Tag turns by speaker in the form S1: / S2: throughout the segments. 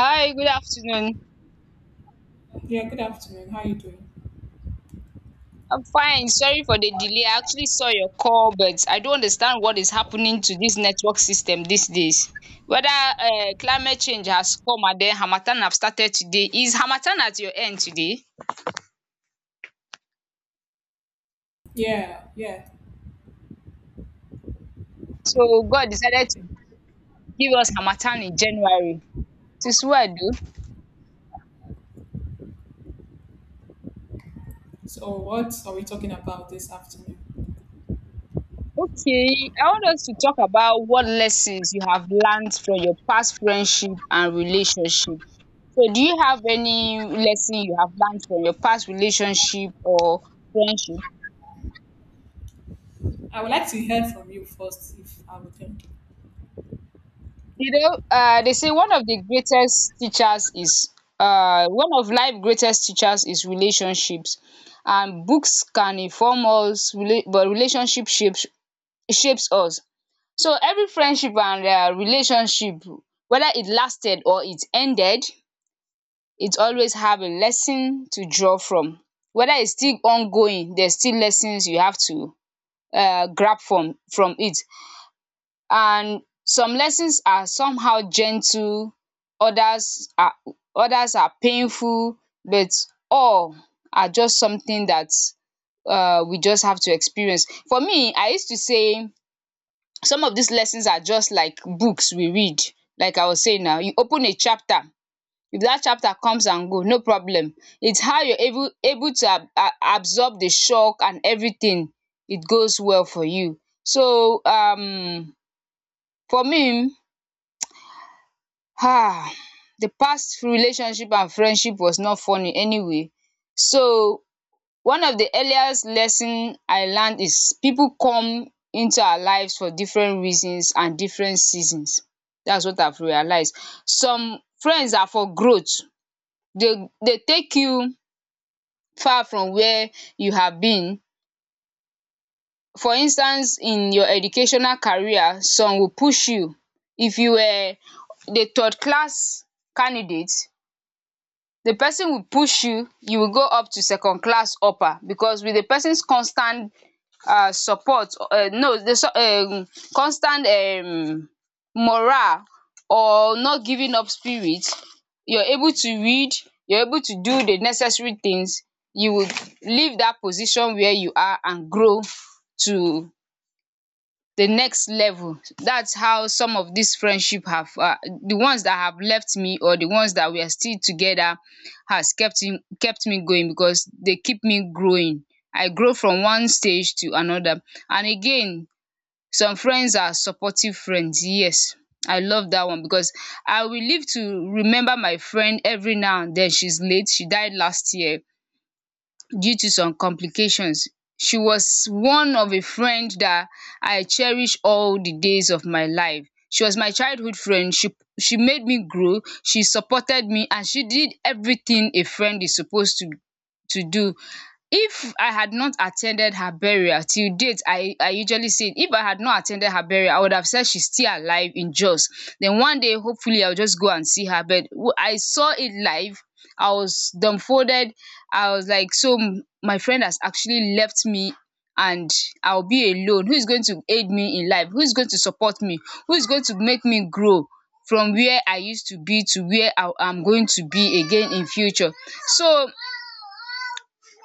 S1: Hi, good afternoon.
S2: Yeah, good afternoon. How are you doing?
S1: I'm fine. Sorry for the delay. I actually saw your call, but I don't understand what is happening to this network system these days. Whether climate change has come and then Hamatan have started today. Is Hamatan at your end today?
S2: Yeah, yeah.
S1: So God decided to give us Hamatan in January. This what I do.
S2: So, what are we talking about this afternoon?
S1: Okay, I want us to talk about what lessons you have learned from your past friendship and relationship. So do you have any lesson you have learned from your past relationship or friendship?
S2: I would like to hear from you first, if I would think.
S1: They say one of the greatest teachers is one of life greatest teachers is relationships, and books can inform us, but relationship shapes us. So every friendship and relationship, whether it lasted or it ended, it always have a lesson to draw from. Whether it's still ongoing, there's still lessons you have to grab from it, and some lessons are somehow gentle, others are others are painful, but all are just something that we just have to experience. For me, I used to say some of these lessons are just like books we read. Like I was saying, now you open a chapter. If that chapter comes and go, no problem. It's how you're able to absorb the shock and everything, it goes well for you. So for me, ah the past relationship and friendship was not funny anyway. So one of the earliest lesson I learned is people come into our lives for different reasons and different seasons. That's what I've realized. Some friends are for growth, they take you far from where you have been. For instance, in your educational career, some will push you. If you were the third class candidate, the person will push you, you will go up to second class upper because with the person's constant support, no, the constant morale or not giving up spirit, you're able to read, you're able to do the necessary things, you would leave that position where you are and grow to the next level. That's how some of these friendship have the ones that have left me or the ones that we are still together has kept me going because they keep me growing. I grow from one stage to another. And again, some friends are supportive friends. Yes, I love that one because I will live to remember my friend every now and then. She's late. She died last year due to some complications. She was one of a friend that I cherish all the days of my life. She was my childhood friend. She made me grow, she supported me, and she did everything a friend is supposed to do. If I had not attended her burial, till date, I usually say if I had not attended her burial, I would have said she's still alive in Jos, then one day hopefully I will just go and see her. But I saw it live. I was dumbfolded. I was like, so my friend has actually left me, and I will be alone. Who is going to aid me in life? Who is going to support me? Who is going to make me grow from where I used to be to where I am going to be again in future? So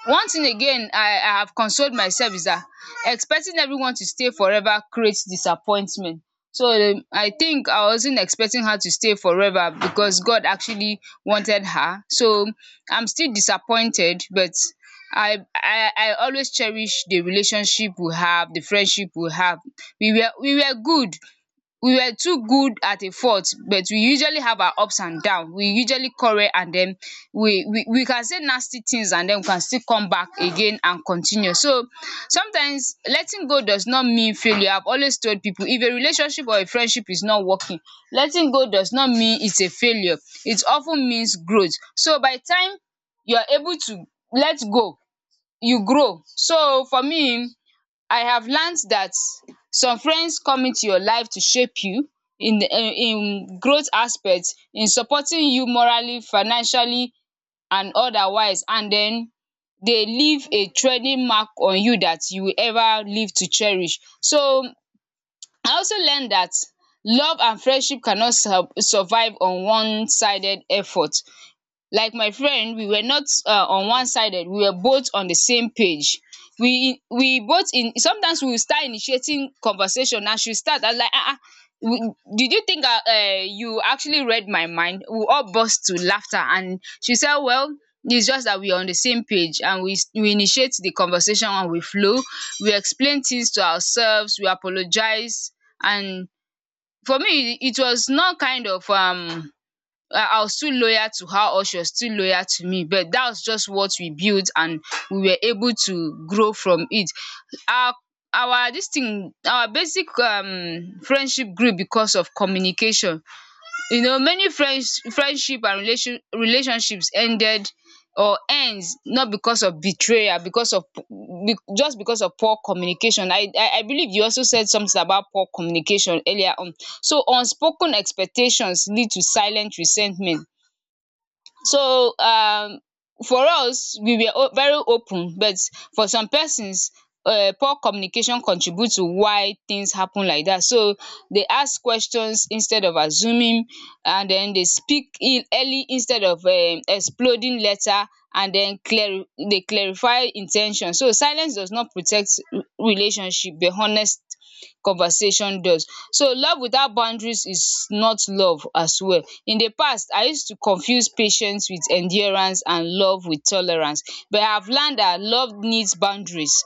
S1: one thing again, I have consoled myself is that expecting everyone to stay forever creates disappointment. So I think I wasn't expecting her to stay forever because God actually wanted her. So I'm still disappointed, but I always cherish the relationship we have, the friendship we have. We were good, we were too good at a fault, but we usually have our ups and down. We usually quarrel, and then we can say nasty things, and then we can still come back again and continue. So sometimes letting go does not mean failure. I've always told people, if a relationship or a friendship is not working, letting go does not mean it's a failure. It of ten means growth. So by the time you are able to let go, you grow. So for me, I have learnt that some friends come into your life to shape you in the in growth aspect, in supporting you morally, financially and otherwise, and den they leave a trailing mark on you that you will ever live to cherish. So I also learnt that love and friendship cannot survive on one sided effort. Like my friend, we were not on one sided, we were both on the same page. We both in sometimes we will start initiating conversation, and she will start and like, ah ah, we- did you think you actually read my mind? We all burst to laughter and she said, well, it's just that we're on the same page, and we initiate the conversation and we flow. We explain things to ourselves, we apologize, and for me, it was not kind of I was still loyal to her or she was still loyal to me, but that was just what we built, and we were able to grow from it. Our our this thing our basic friendship grew because of communication. You know, many friends friendship and relationships ended or ends not because of betrayal, because of just because of poor communication. I believe you also said something about poor communication earlier on. So unspoken expectations lead to silent resentment. So for us, we were o very open, but for some persons, poor communication contribute to why things happen like dat. So they ask questions instead of assuming, and then they speak in early instead of exploding later, and then clari they clarify in ten tion. So silence does not protect relationship, but honest conversation does. So love without boundaries is not love as well. In the past, I used to confuse patience with endurance and love with tolerance, but I have learned that love needs boundaries.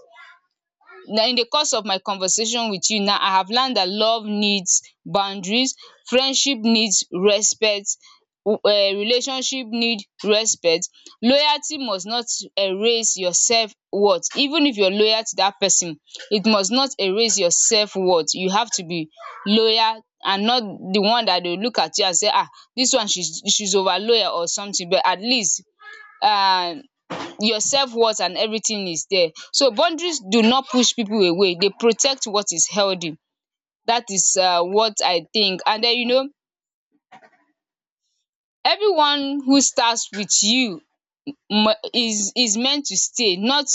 S1: Na, in the course of my conversation with you now, I have learned that love needs boundaries, friendship needs respect, relationship need respect. Loyalty must not erase your self worth. Even if you're loyal to that person, it must not erase your self worth. You have to be loyal and not the one that they will look at you and say, this one she's over loyal or something, but at least um your self worth and everything is there. So boundaries do not push people away, they protect what is healthy. That is what I think. And den, you know, everyone who starts with you is meant to stay. Not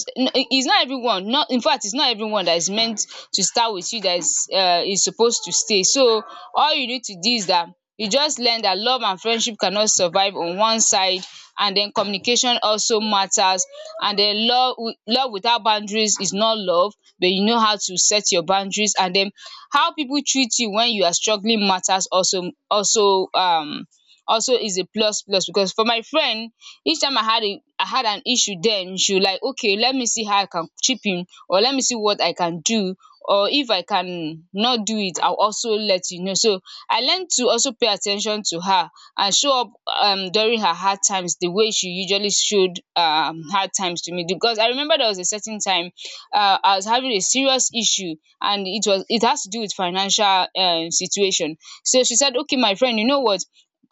S1: is not everyone, not infact, is not everyone that is meant to start with you that is supposed to stay. So all you need to do is that you just learn that love and friendship cannot survive on one side, and then communication also matters, and then love without boundaries is not love, but you know how to set your boundaries. And then how people treat you when you are struggling matters also, also, also is a plus. Because for my friend, each time I had an issue, then she like, okay, let me see how I can chip in, or let me see what I can do, or if I can not do it, I'll also let you know. So I learned to also pay attention to her and show up during her hard times the way she usually showed hard times to me. Because I remember there was a certain time, I was having a serious issue, and it was it has to do with financial situation. So she said, okay my friend, you know what,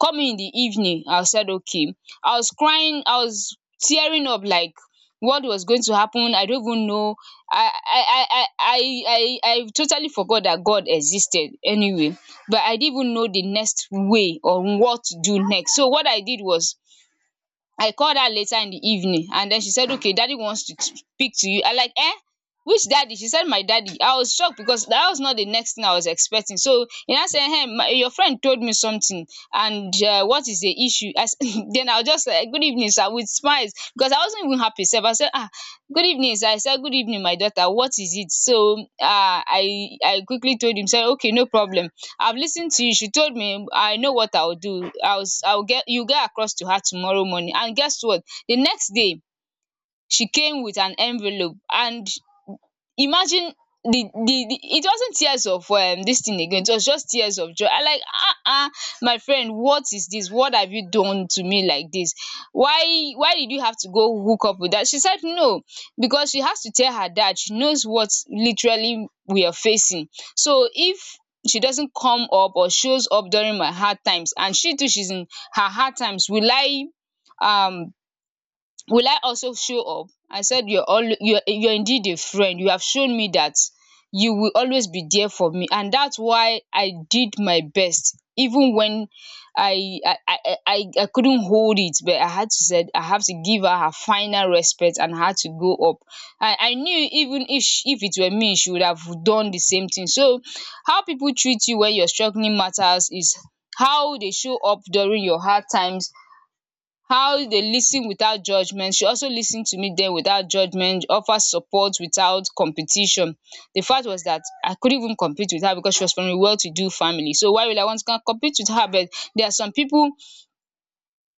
S1: coming in the evening. I said, okay. I was crying, I was tearing up. Like, what was going to happen, I don't even know. I i i i i I totally forgot that God existed anyway, but I didn't even know the next way or what to do next. So what I did was I called her later in the evening, and then she said, okay, daddy wants to speak to you. I like, eh, which daddy? She said, my daddy. I was shocked because that was not the next thing I was expecting. So e now say, your friend told me something, and what is the issue? Then I was just like, good evening sir, with smiles because I wasn't even happy. So I said, "Ah, good evening sir." I said, good evening my daughter, what is it? So I quickly told him, say okay, no problem, I've listened to you. She told me, "I know what I'll do. I'll get You'll get across to her tomorrow morning." And guess what? The next day, she came with an envelope and, imagine, the it wasn't tears of this thing again. It was just tears of joy. I like, ah, ah, my friend, what is this? What have you done to me like this? Why did you have to go hook up with that? She said no, because she has to tell her dad. She knows what literally we are facing. So if she doesn't come up or shows up during my hard times, and she too, she's in her hard times, will I, um also show up? I said, You're indeed a friend. You have shown me that you will always be there for me, and that's why I did my best. Even when I I I I couldn't hold it, but I had to, said I have to give her her final respect, and I had to go up. I knew, even if she if it were me, she would have done the same thing." So how people treat you when you're struggling matters, is how they show up during your hard times, how they listen without judgement. She also listened to me then without judgement, offer support without competition. The fact was that I couldn't even compete with her because she was from a well to do family, so why will I want to compete with her? But there are some people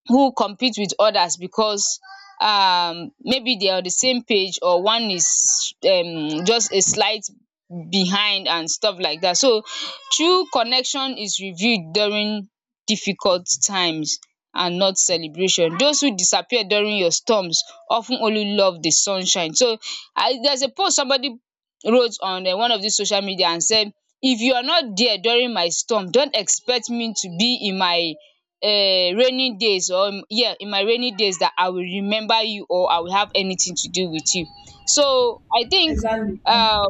S1: who compete with others because, maybe they are on the same page, or one is just a slight behind and stuff like that. So true connection is revealed during difficult times and not celebration. Those who disappear during your storms of ten only love the sunshine. So I there's a post somebody wrote on one of this social media and said, if you are not there during my storm, don't expect me to be in my um rainy days, or yeah, in my rainy days, that I will remember you or I will have anything to do with you. So I think,
S2: Exactly.
S1: um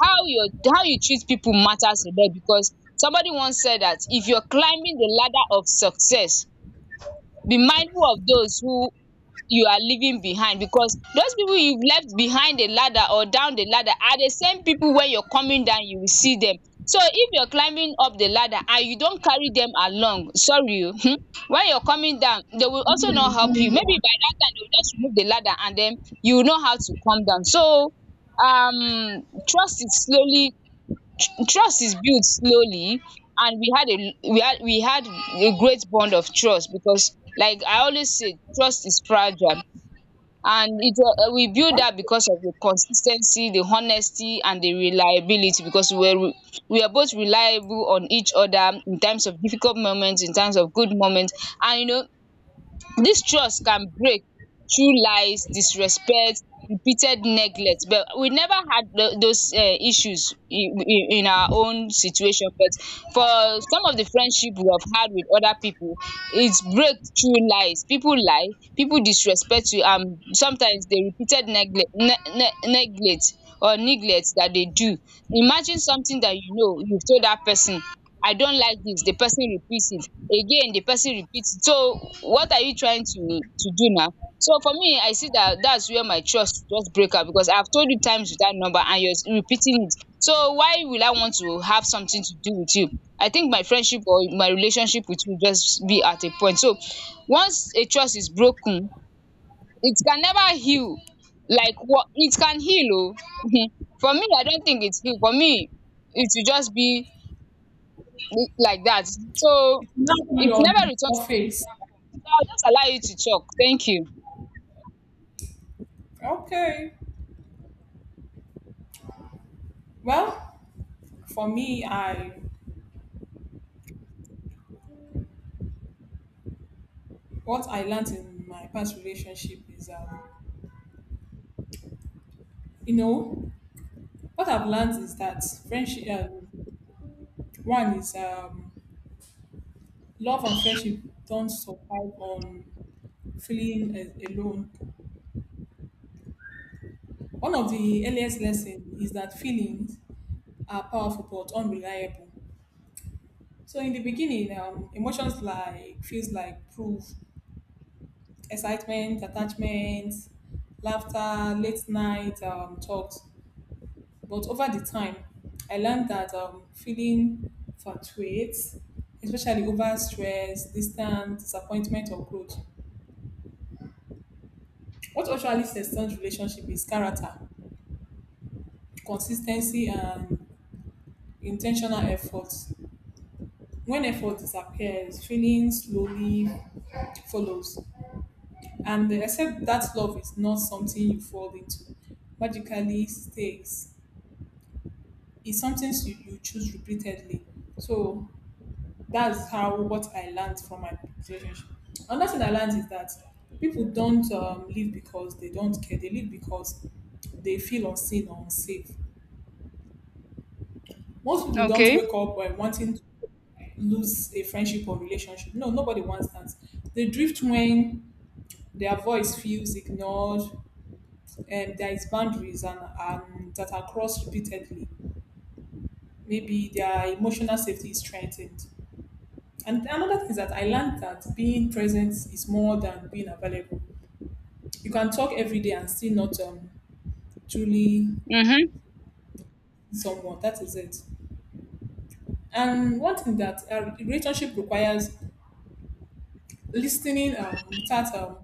S1: how your how you treat people matters a lot, because somebody once said that if you're climbing the ladder of success, be mindful of those who you are leaving behind, because those people you've left behind the ladder, or down the ladder, are the same people. When you're coming down, you will see them. So if you're climbing up the ladder and you don't carry them along, sorry o, when you're coming down they will also not help you. Maybe by that time they will just remove the ladder, and then you will know how to come down. So, um trust is slowly trust is built slowly, and we had a great bond of trust, because like I always say, trust is fragile. And it was we build dat because of the consis ten cy, the honesty, and the reliability, because we were both reliable on each other in times of difficult moment, in times of good moment. And Dis trust can break through lies, disrespect, repeated neglect, but we never had those issues in our own situation. But for some of the friendship we have had with other people, it's break through lies. People lie, people disrespect you, and sometimes the repeated neglect, ne ne neglect, or neglect that they do. Imagine something that you know you have told that person, I don't like this. The person repeats it again, the person repeats it. So what are you trying to do now? So for me, I see that that's where my trust just break up, because I've told you times with that number and you're repeating it. So why will I want to have something to do with you? I think my friendship or my relationship with you just be at a point. So once a trust is broken, it can never heal. Like, what, it can heal. Oh. For me, I don't think it's heal. For me, it will just be like that. So
S2: It's not be
S1: it
S2: on
S1: never
S2: the
S1: returns to the
S2: surface.
S1: original form. So I'll just allow you to talk. Thank you.
S2: Okay. Well, for me, I what I learned in my past relationship is, you know, what I've learned is that friendship. One is love and friendship don't survive on feeling alone. One of the earliest lessons is that feelings are powerful but unreliable. So in the beginning, emotions like feels like proof, excitement, attachment, laughter, late night talks. But over the time, I learned that feeling fluctuates, especially over stress, distance, disappointment, or growth. What actually sustains relationship is character, consistency, and intentional effort. When effort disappears, feeling slowly follows. And except that love is not something you fall into, magically stays. It's something you choose repeatedly. So that's how what I learned from my relationship. Another thing I learned is that people don't live because they don't care. They live because they feel unseen or unsafe. Most people don't
S1: Okay.
S2: wake up by wanting to lose a friendship or relationship. No, nobody wants that. They drift when their voice feels ignored and there is boundaries and that are crossed repeatedly, maybe their emotional safety is strengthened. And another thing is that I learned that being present is more than being available. You can talk every day and still not truly
S1: Mhm.
S2: someone that is it. And one thing that a relationship requires, listening without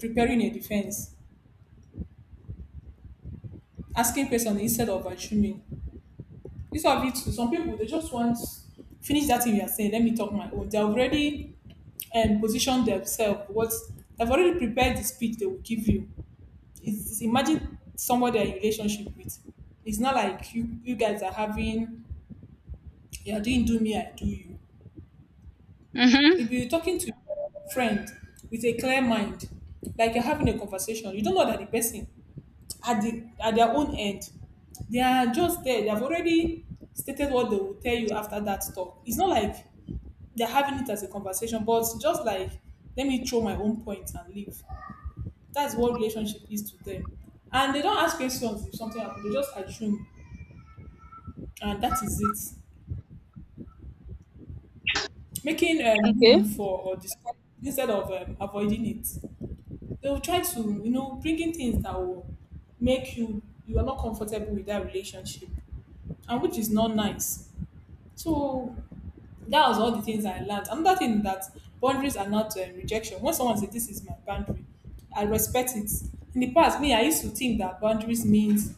S2: preparing a defense, asking questions instead of assuming. This of it too. Some people they just want finish that thing you are saying. Let me talk my own. They already and position themselves. What they've already prepared the speech they will give you. It's imagine somebody you're in relationship with. It's not like you guys are having you're doing do me I do you.
S1: Mhm.
S2: If you're talking to your friend with a clear mind, like you're having a conversation, you don't know that the person at their own end. They are just there. They have already stated what they will tell you after that talk. It's not like they're having it as a conversation, but just like let me throw my own point and leave. That's what relationship is to them. And they don't ask questions. If something happens, they just assume and that is it. Making
S1: Okay.
S2: room for or discuss instead of avoiding it. They will try to, you know, bringing things that will make you you are not comfortable with that relationship, and which is not nice. So that was all the things I learned. Another thing that boundaries are not rejection. When someone says this is my boundary, I respect it. In the past, me I used to think that boundaries means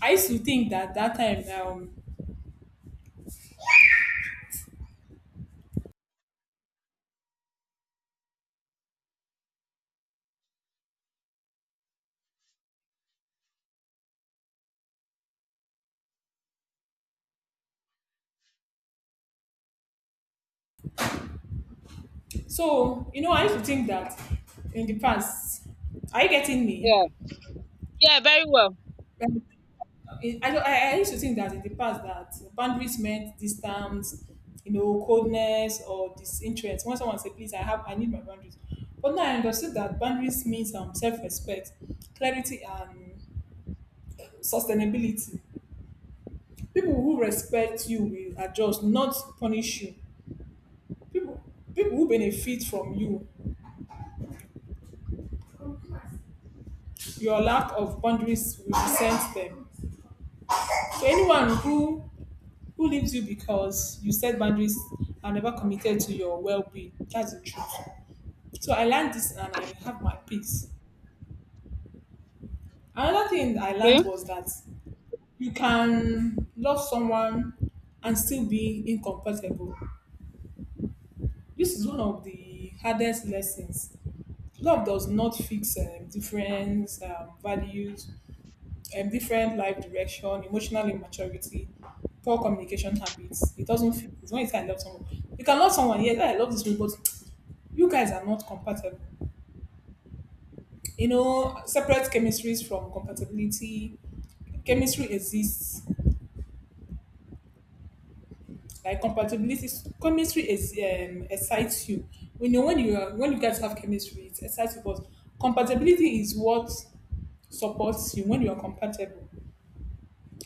S2: I used to think that that time. So you know, I used to think that in the past, are you getting me?
S1: Yeah. Yeah. Very well.
S2: Like, It, I, don't- I used to think that in the past that boundaries meant distance, you know, coldness or disinterest. When someone say, "Please, I have, I need my boundaries," but now I understood that boundaries means self-respect, clarity, and sustainability. People who respect you will adjust, not punish you. People, people who benefit from you, your lack of boundaries will resent them. So anyone who leaves you because you set boundaries and never committed to your well-being. That's the truth. So I learned this and I have my peace. Another thing I learned
S1: Okay.
S2: was that you can love someone and still be incompatible. This is one of the hardest lessons. Love does not fix different values, different life direction, emotional immaturity, poor communication habits. It doesn't fit. It's when you say I love someone. You can love someone, yes, I love this person, but you guys are not compatible. You know, separate chemistries from compatibility. Chemistry exists. Like compatibility, chemistry is excites you. We know when you are when you guys have chemistry, it excites you. But compatibility is what supports you when you are compatible.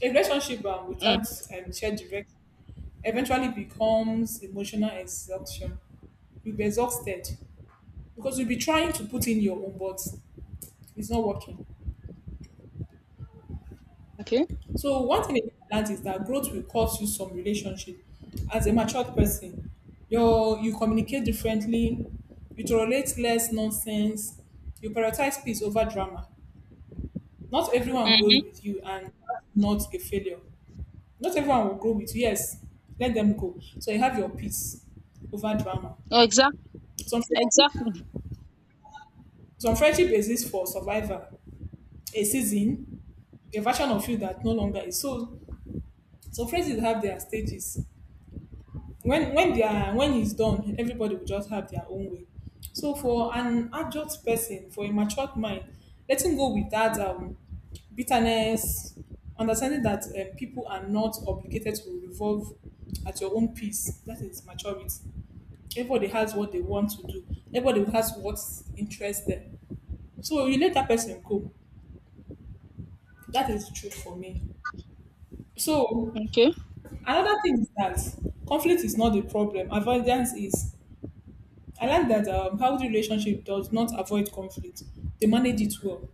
S2: A relationship without
S1: Mm.
S2: shared direction eventually becomes emotional exhaustion. You'll be exhausted because you'll be trying to put in your own, but it's not working.
S1: Okay.
S2: So one thing I learned is that growth will cost you some relationship. As a matured person, you communicate differently, you tolerate less nonsense, you prioritize peace over drama. Not everyone grows
S1: Mhm.
S2: with you, and that's not a failure. Not everyone will grow with you. Yes, let them go. So you have your peace over drama.
S1: Exact.
S2: Some
S1: Exactly.
S2: Some friendship exist for survival, a season, a version of you that no longer is. So some friendships have their stages. When they are when it's done, everybody will just have their own way. So for an adult person, for a matured mind, letting go with that bitterness, understanding that people are not obligated to revolve at your own pace. That is maturity. Everybody has what they want to do. Everybody has what interests them. So you let that person go. That is true for me. So
S1: Okay.
S2: another thing is that conflict is not the problem. Avoidance is. I like that healthy relationship does not avoid conflict. They manage it well.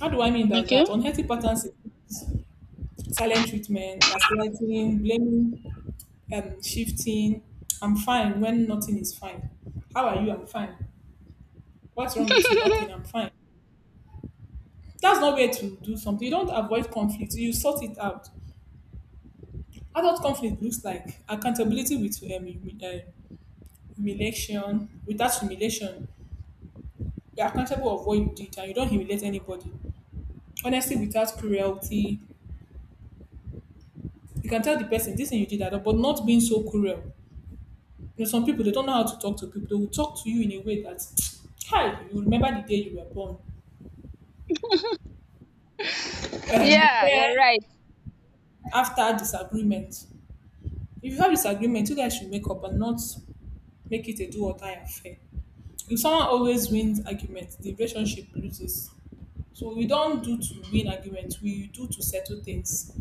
S2: How do I mean by
S1: Okay.
S2: that? Unhealthy patterns is silent treatment, gaslighting, blaming, shifting. I'm fine when nothing is fine. How are you? I'm fine. What's wrong with you? Nothing. I'm fine. That's not way to do something. You don't avoid conflict. You sort it out. Adult conflict looks like accountability with uh, humiliation without humiliation. You're accountable of what you did and you don't humiliate anybody, honestly without cruelty. You can tell the person this thing you did I but not being so cruel. You know some people they don't know how to talk to people. They will talk to you in a way that hi you remember the day you were born.
S1: Yeah. You're
S2: Repair
S1: right.
S2: after disagreement. If you have disagreement you guys should make up and not make it a do or die affair. If someone always wins argument the relationship loses. So we don't do to win argument, we do to settle things.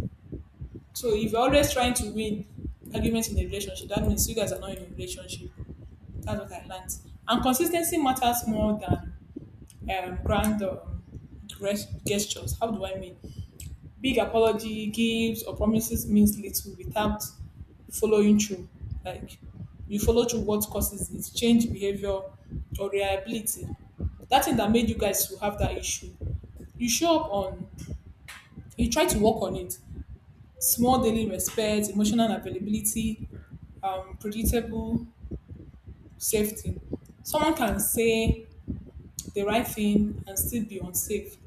S2: So if you're always trying to win arguments in a relationship, that means you guys are not in a relationship. That's what I learned. And consistency matters more than grand gestures. How do I mean? Big apology, gifts, or promises means little without following through. Like you follow through what causes it, change behavior or reliability. That thing that made you guys to have that issue. You show up on, you try to work on it, small daily respect, emotional availability, predictable safety. Someone can say the right thing and still be unsafe.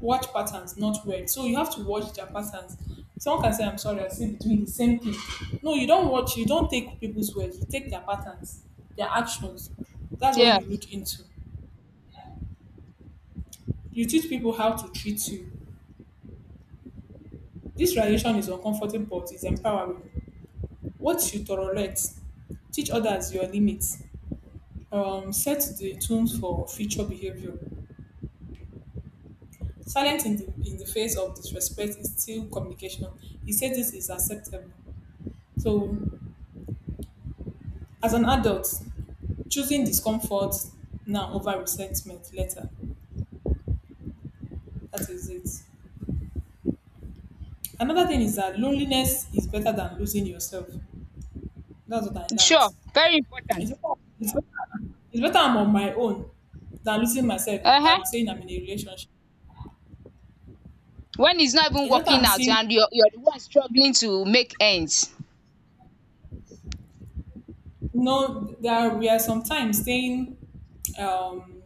S2: Watch patterns, not word. So you have to watch their patterns. Someone can say, I'm sorry, I still be doing the same thing. No, you don't watch, you don't take people's words, you take their patterns, their actions. That's what
S1: Yeah.
S2: you look into. You teach people how to treat you. This relation is uncomfortable, but it's empowering. What you tolerate, teach others your limits. Set the tone for future behavior. Silence in the face of disrespect is still communication. He said this is acceptable. So, as an adult, choosing discomfort now over resentment later. That is it. Another thing is that loneliness is better than losing yourself. That's what I learned.
S1: Sure. Very important.
S2: It's better, it's better, it's better I'm on my own than losing myself.
S1: Uh
S2: Than
S1: huh.
S2: I'm saying I'm in a relationship.
S1: When it's not even
S2: It's better
S1: working
S2: I'm
S1: out,
S2: seeing
S1: and you're the one struggling to make ends.
S2: no, there we are sometimes staying um,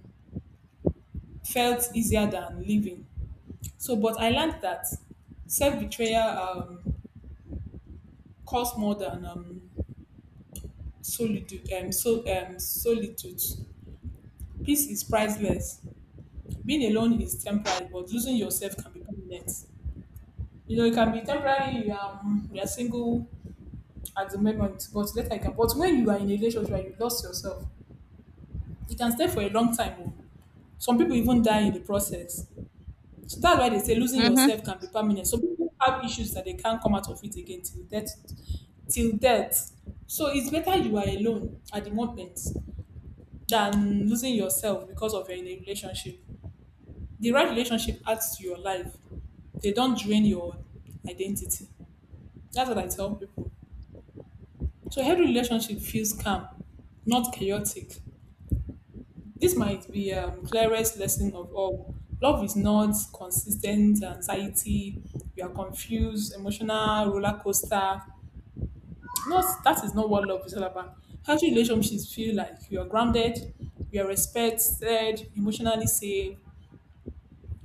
S2: felt easier than living. So, but I learned that self betrayal costs more than solitude. Solitude. Peace is priceless. Being alone is temporary, but losing yourself can be permanent. You know, it can be temporary. You are single at the moment, but later you can. But when you are in a relationship and you lost yourself, you can stay for a long time. Oh. Some people even die in the process. So that's why they say losing
S1: Mhm.
S2: yourself can be permanent. Some people have issues that they can't come out of it again till death. Till death. So it's better you are alone at the moment than losing yourself because of you're in a relationship. The right relationship adds to your life. They don't drain your identity. That's what I tell people. So healthy relationship feels calm, not chaotic. This might be clearest lesson of all. Love is not consistent anxiety. You are confused, emotional roller coaster. Not that is not what love is all about. Healthy relationships feel like you are grounded, you are respected, emotionally safe.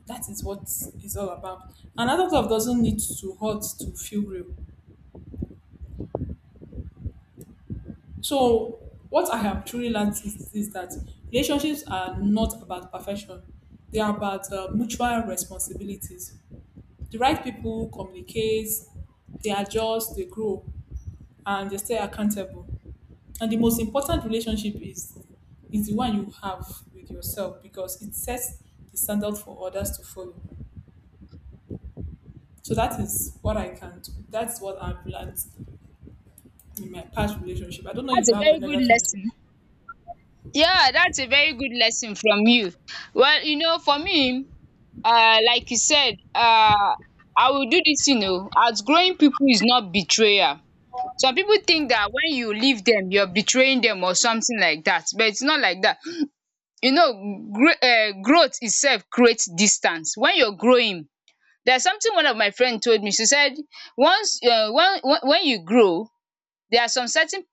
S2: That is what it's all about. And adult love doesn't need to hurt to feel real. So what I have truly learned is that relationships are not about perfection. They are about mutual responsibilities. The right people communicate, they adjust, they grow, and they stay accountable. And the most important relationship is the one you have with yourself because it sets the standard for others to follow. So that is what I can do. That's what I've learned in my past relationship. I don't know if
S1: That's
S2: you
S1: a
S2: have
S1: very good
S2: another thing to
S1: lesson. Yeah, that's a very good lesson from you. Well, for me, like you said, I will do dis thing, oo, outgrowing people is not betrayal. Some people think that when you leave them, you are betraying them or something like that, but its not like that. You know, growth itself creates distance when you're growing. There's something one of my friend told me. She said once, when you grow, there are some certain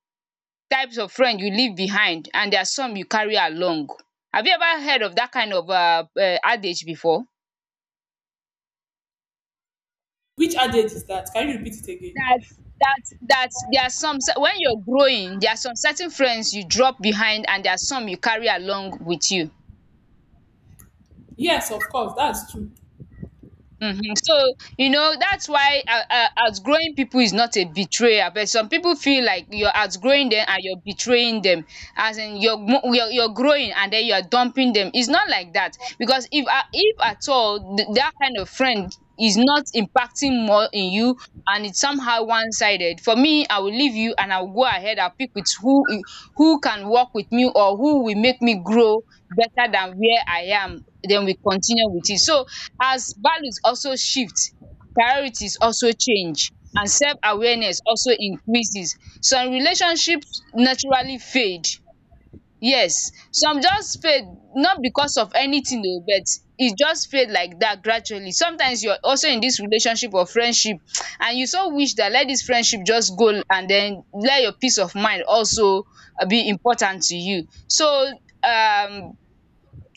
S1: types of friend you leave behind, and there are some you carry along. Have you ever heard of that kind of adage before?
S2: which adage is that? Can you repeat it again?
S1: That's that's there are some cer- When you're growing, there are some certain friends you drop behind, and there are some you carry along with you.
S2: Yes, of course, that's true.
S1: Mhm. So, that's why outgrowing people is not a betrayal. But some people feel like you're outgrowing them and you're betraying them. As in, you're growing, and then you're dumping them. It's not like that. Because if at all, that kind of friend is not impacting more in you, and it's somehow one-sided, for me, I will leave you and I'll go ahead. I'll pick with who can work with me, or who will make me grow better than where I am. Then we continue with it. So, as values also shift, priorities also change, and self-awareness also increases. Some relationships naturally fade. Yes, some just fade, not because of anything oh, but e just fade like dat, gradually. Sometimes you are also in dis relationship or friendship and you so wish dat let dis friendship just go and den let your peace of mind also be important to you. So, um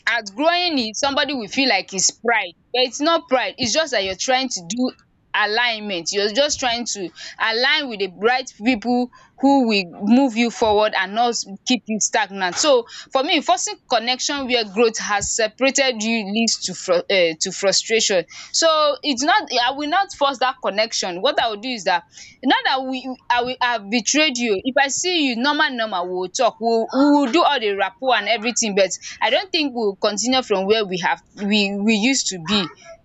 S1: as growing, somebody will feel like it's pride, but it's not pride. It's just that you're trying to do alignment. You're just trying to align with the right people who will move you forward and not keep you stagnant. So for me, forcing connection where growth has separated you leads to to frustration. So it's not, I will not force that connection. What I will do is that, not that we I will have betrayed you. If I see you normal normal, we will talk. We will do all the rapport and everything, but I don't think we will continue from where we have we used to be.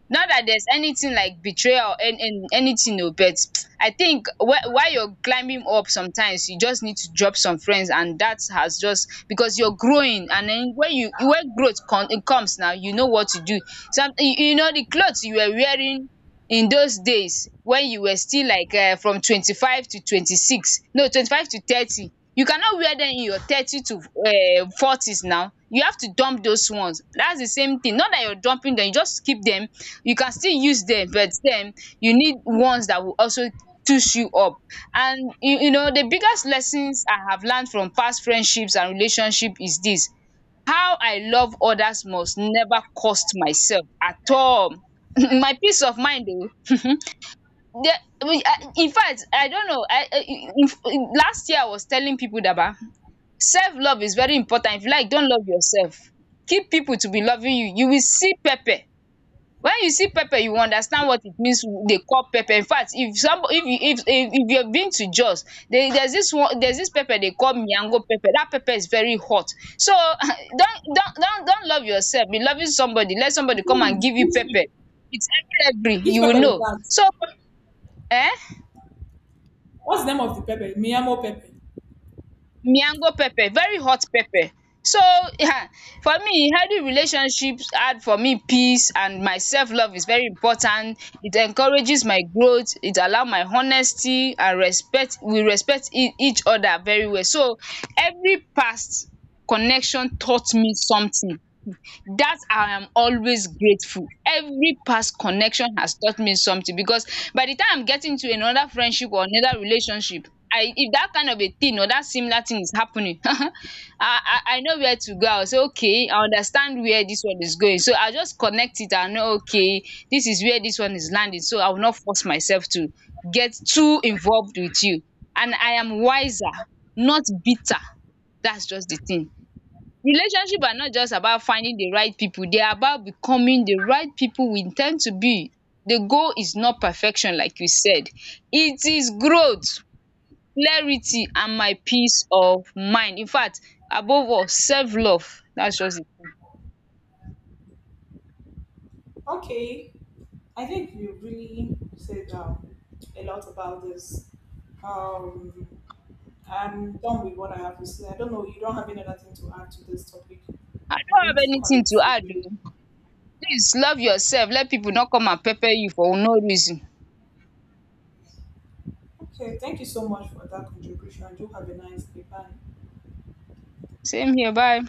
S1: Not that there's anything like betrayal or anything oh, but I think while you're climbing up, sometimes you just need to drop some friends. And that has, just because you're growing, and then when growth con it comes, now you know what to do. Some you know, the clothes you were wearing in those days when you were still like, from 25 to 26, no, 25 to 30, you cannot wear them in your 30 to forties now. You have to dump those ones. That's the same thing, not that you're dumping them, you just keep them. You can still use them, but then you need ones that will also tush you up. And you know, the biggest lessons I have learned from past friendships and relationship is this: how I love others must never cost myself at all. My peace of mind oh. Infact, I in fact, I don't know, last year I was telling pipu daba, self love is very important. If you like, not love yourself, keep people to be loving you will see pepper. When you see pepper, you understand what it means. They call pepper. In fact, if some if you if you've been to Jos, there's this pepper they call miango pepper. That pepper is very hot. So don't love yourself. Be loving somebody. Let somebody come and give you
S2: Which
S1: pepper.
S2: pepper?
S1: It's every,
S2: Which
S1: you will
S2: pepper is
S1: know.
S2: that?
S1: So eh?
S2: What's the name of the pepper? Miyamo pepper.
S1: Miango pepper, very hot pepper. So um for me, healthy relationships add for me peace, and my self love is very important. It encourages my growth, it allow my honesty and respect. We respect each other very well. So every past connection taught me something, that I am always grateful. Every past connection has taught me something, because by the time I'm getting to another friendship or another relationship, I if that kind of a thing or that similar thing is happening, I know where to go. I'll say, okay, I understand where this one is going, so I'll just connect it and know, okay, this is where this one is landing. So I will not force myself to get too involved with you. And I am wiser, not bitter. That's just the thing. Relationship are not just about finding the right people, they are about becoming the right people we intend to be. The goal is not perfection like you said. It is growth, clarity, and my peace of mind. In fact, above all, self-love. That's just it.
S2: Okay. I think you really said a lot about this. Um, I'm done with what I have to say. I don't know. You don't have any other thing to add to this topic.
S1: I
S2: We're
S1: don't
S2: going
S1: have
S2: to call
S1: anything
S2: it
S1: to add
S2: a day.
S1: oh. Please love yourself. Let people not come and pepper you for no reason.
S2: Okay. Thank you so much for that contribution. Do have a nice day. Bye.
S1: Same here. Bye.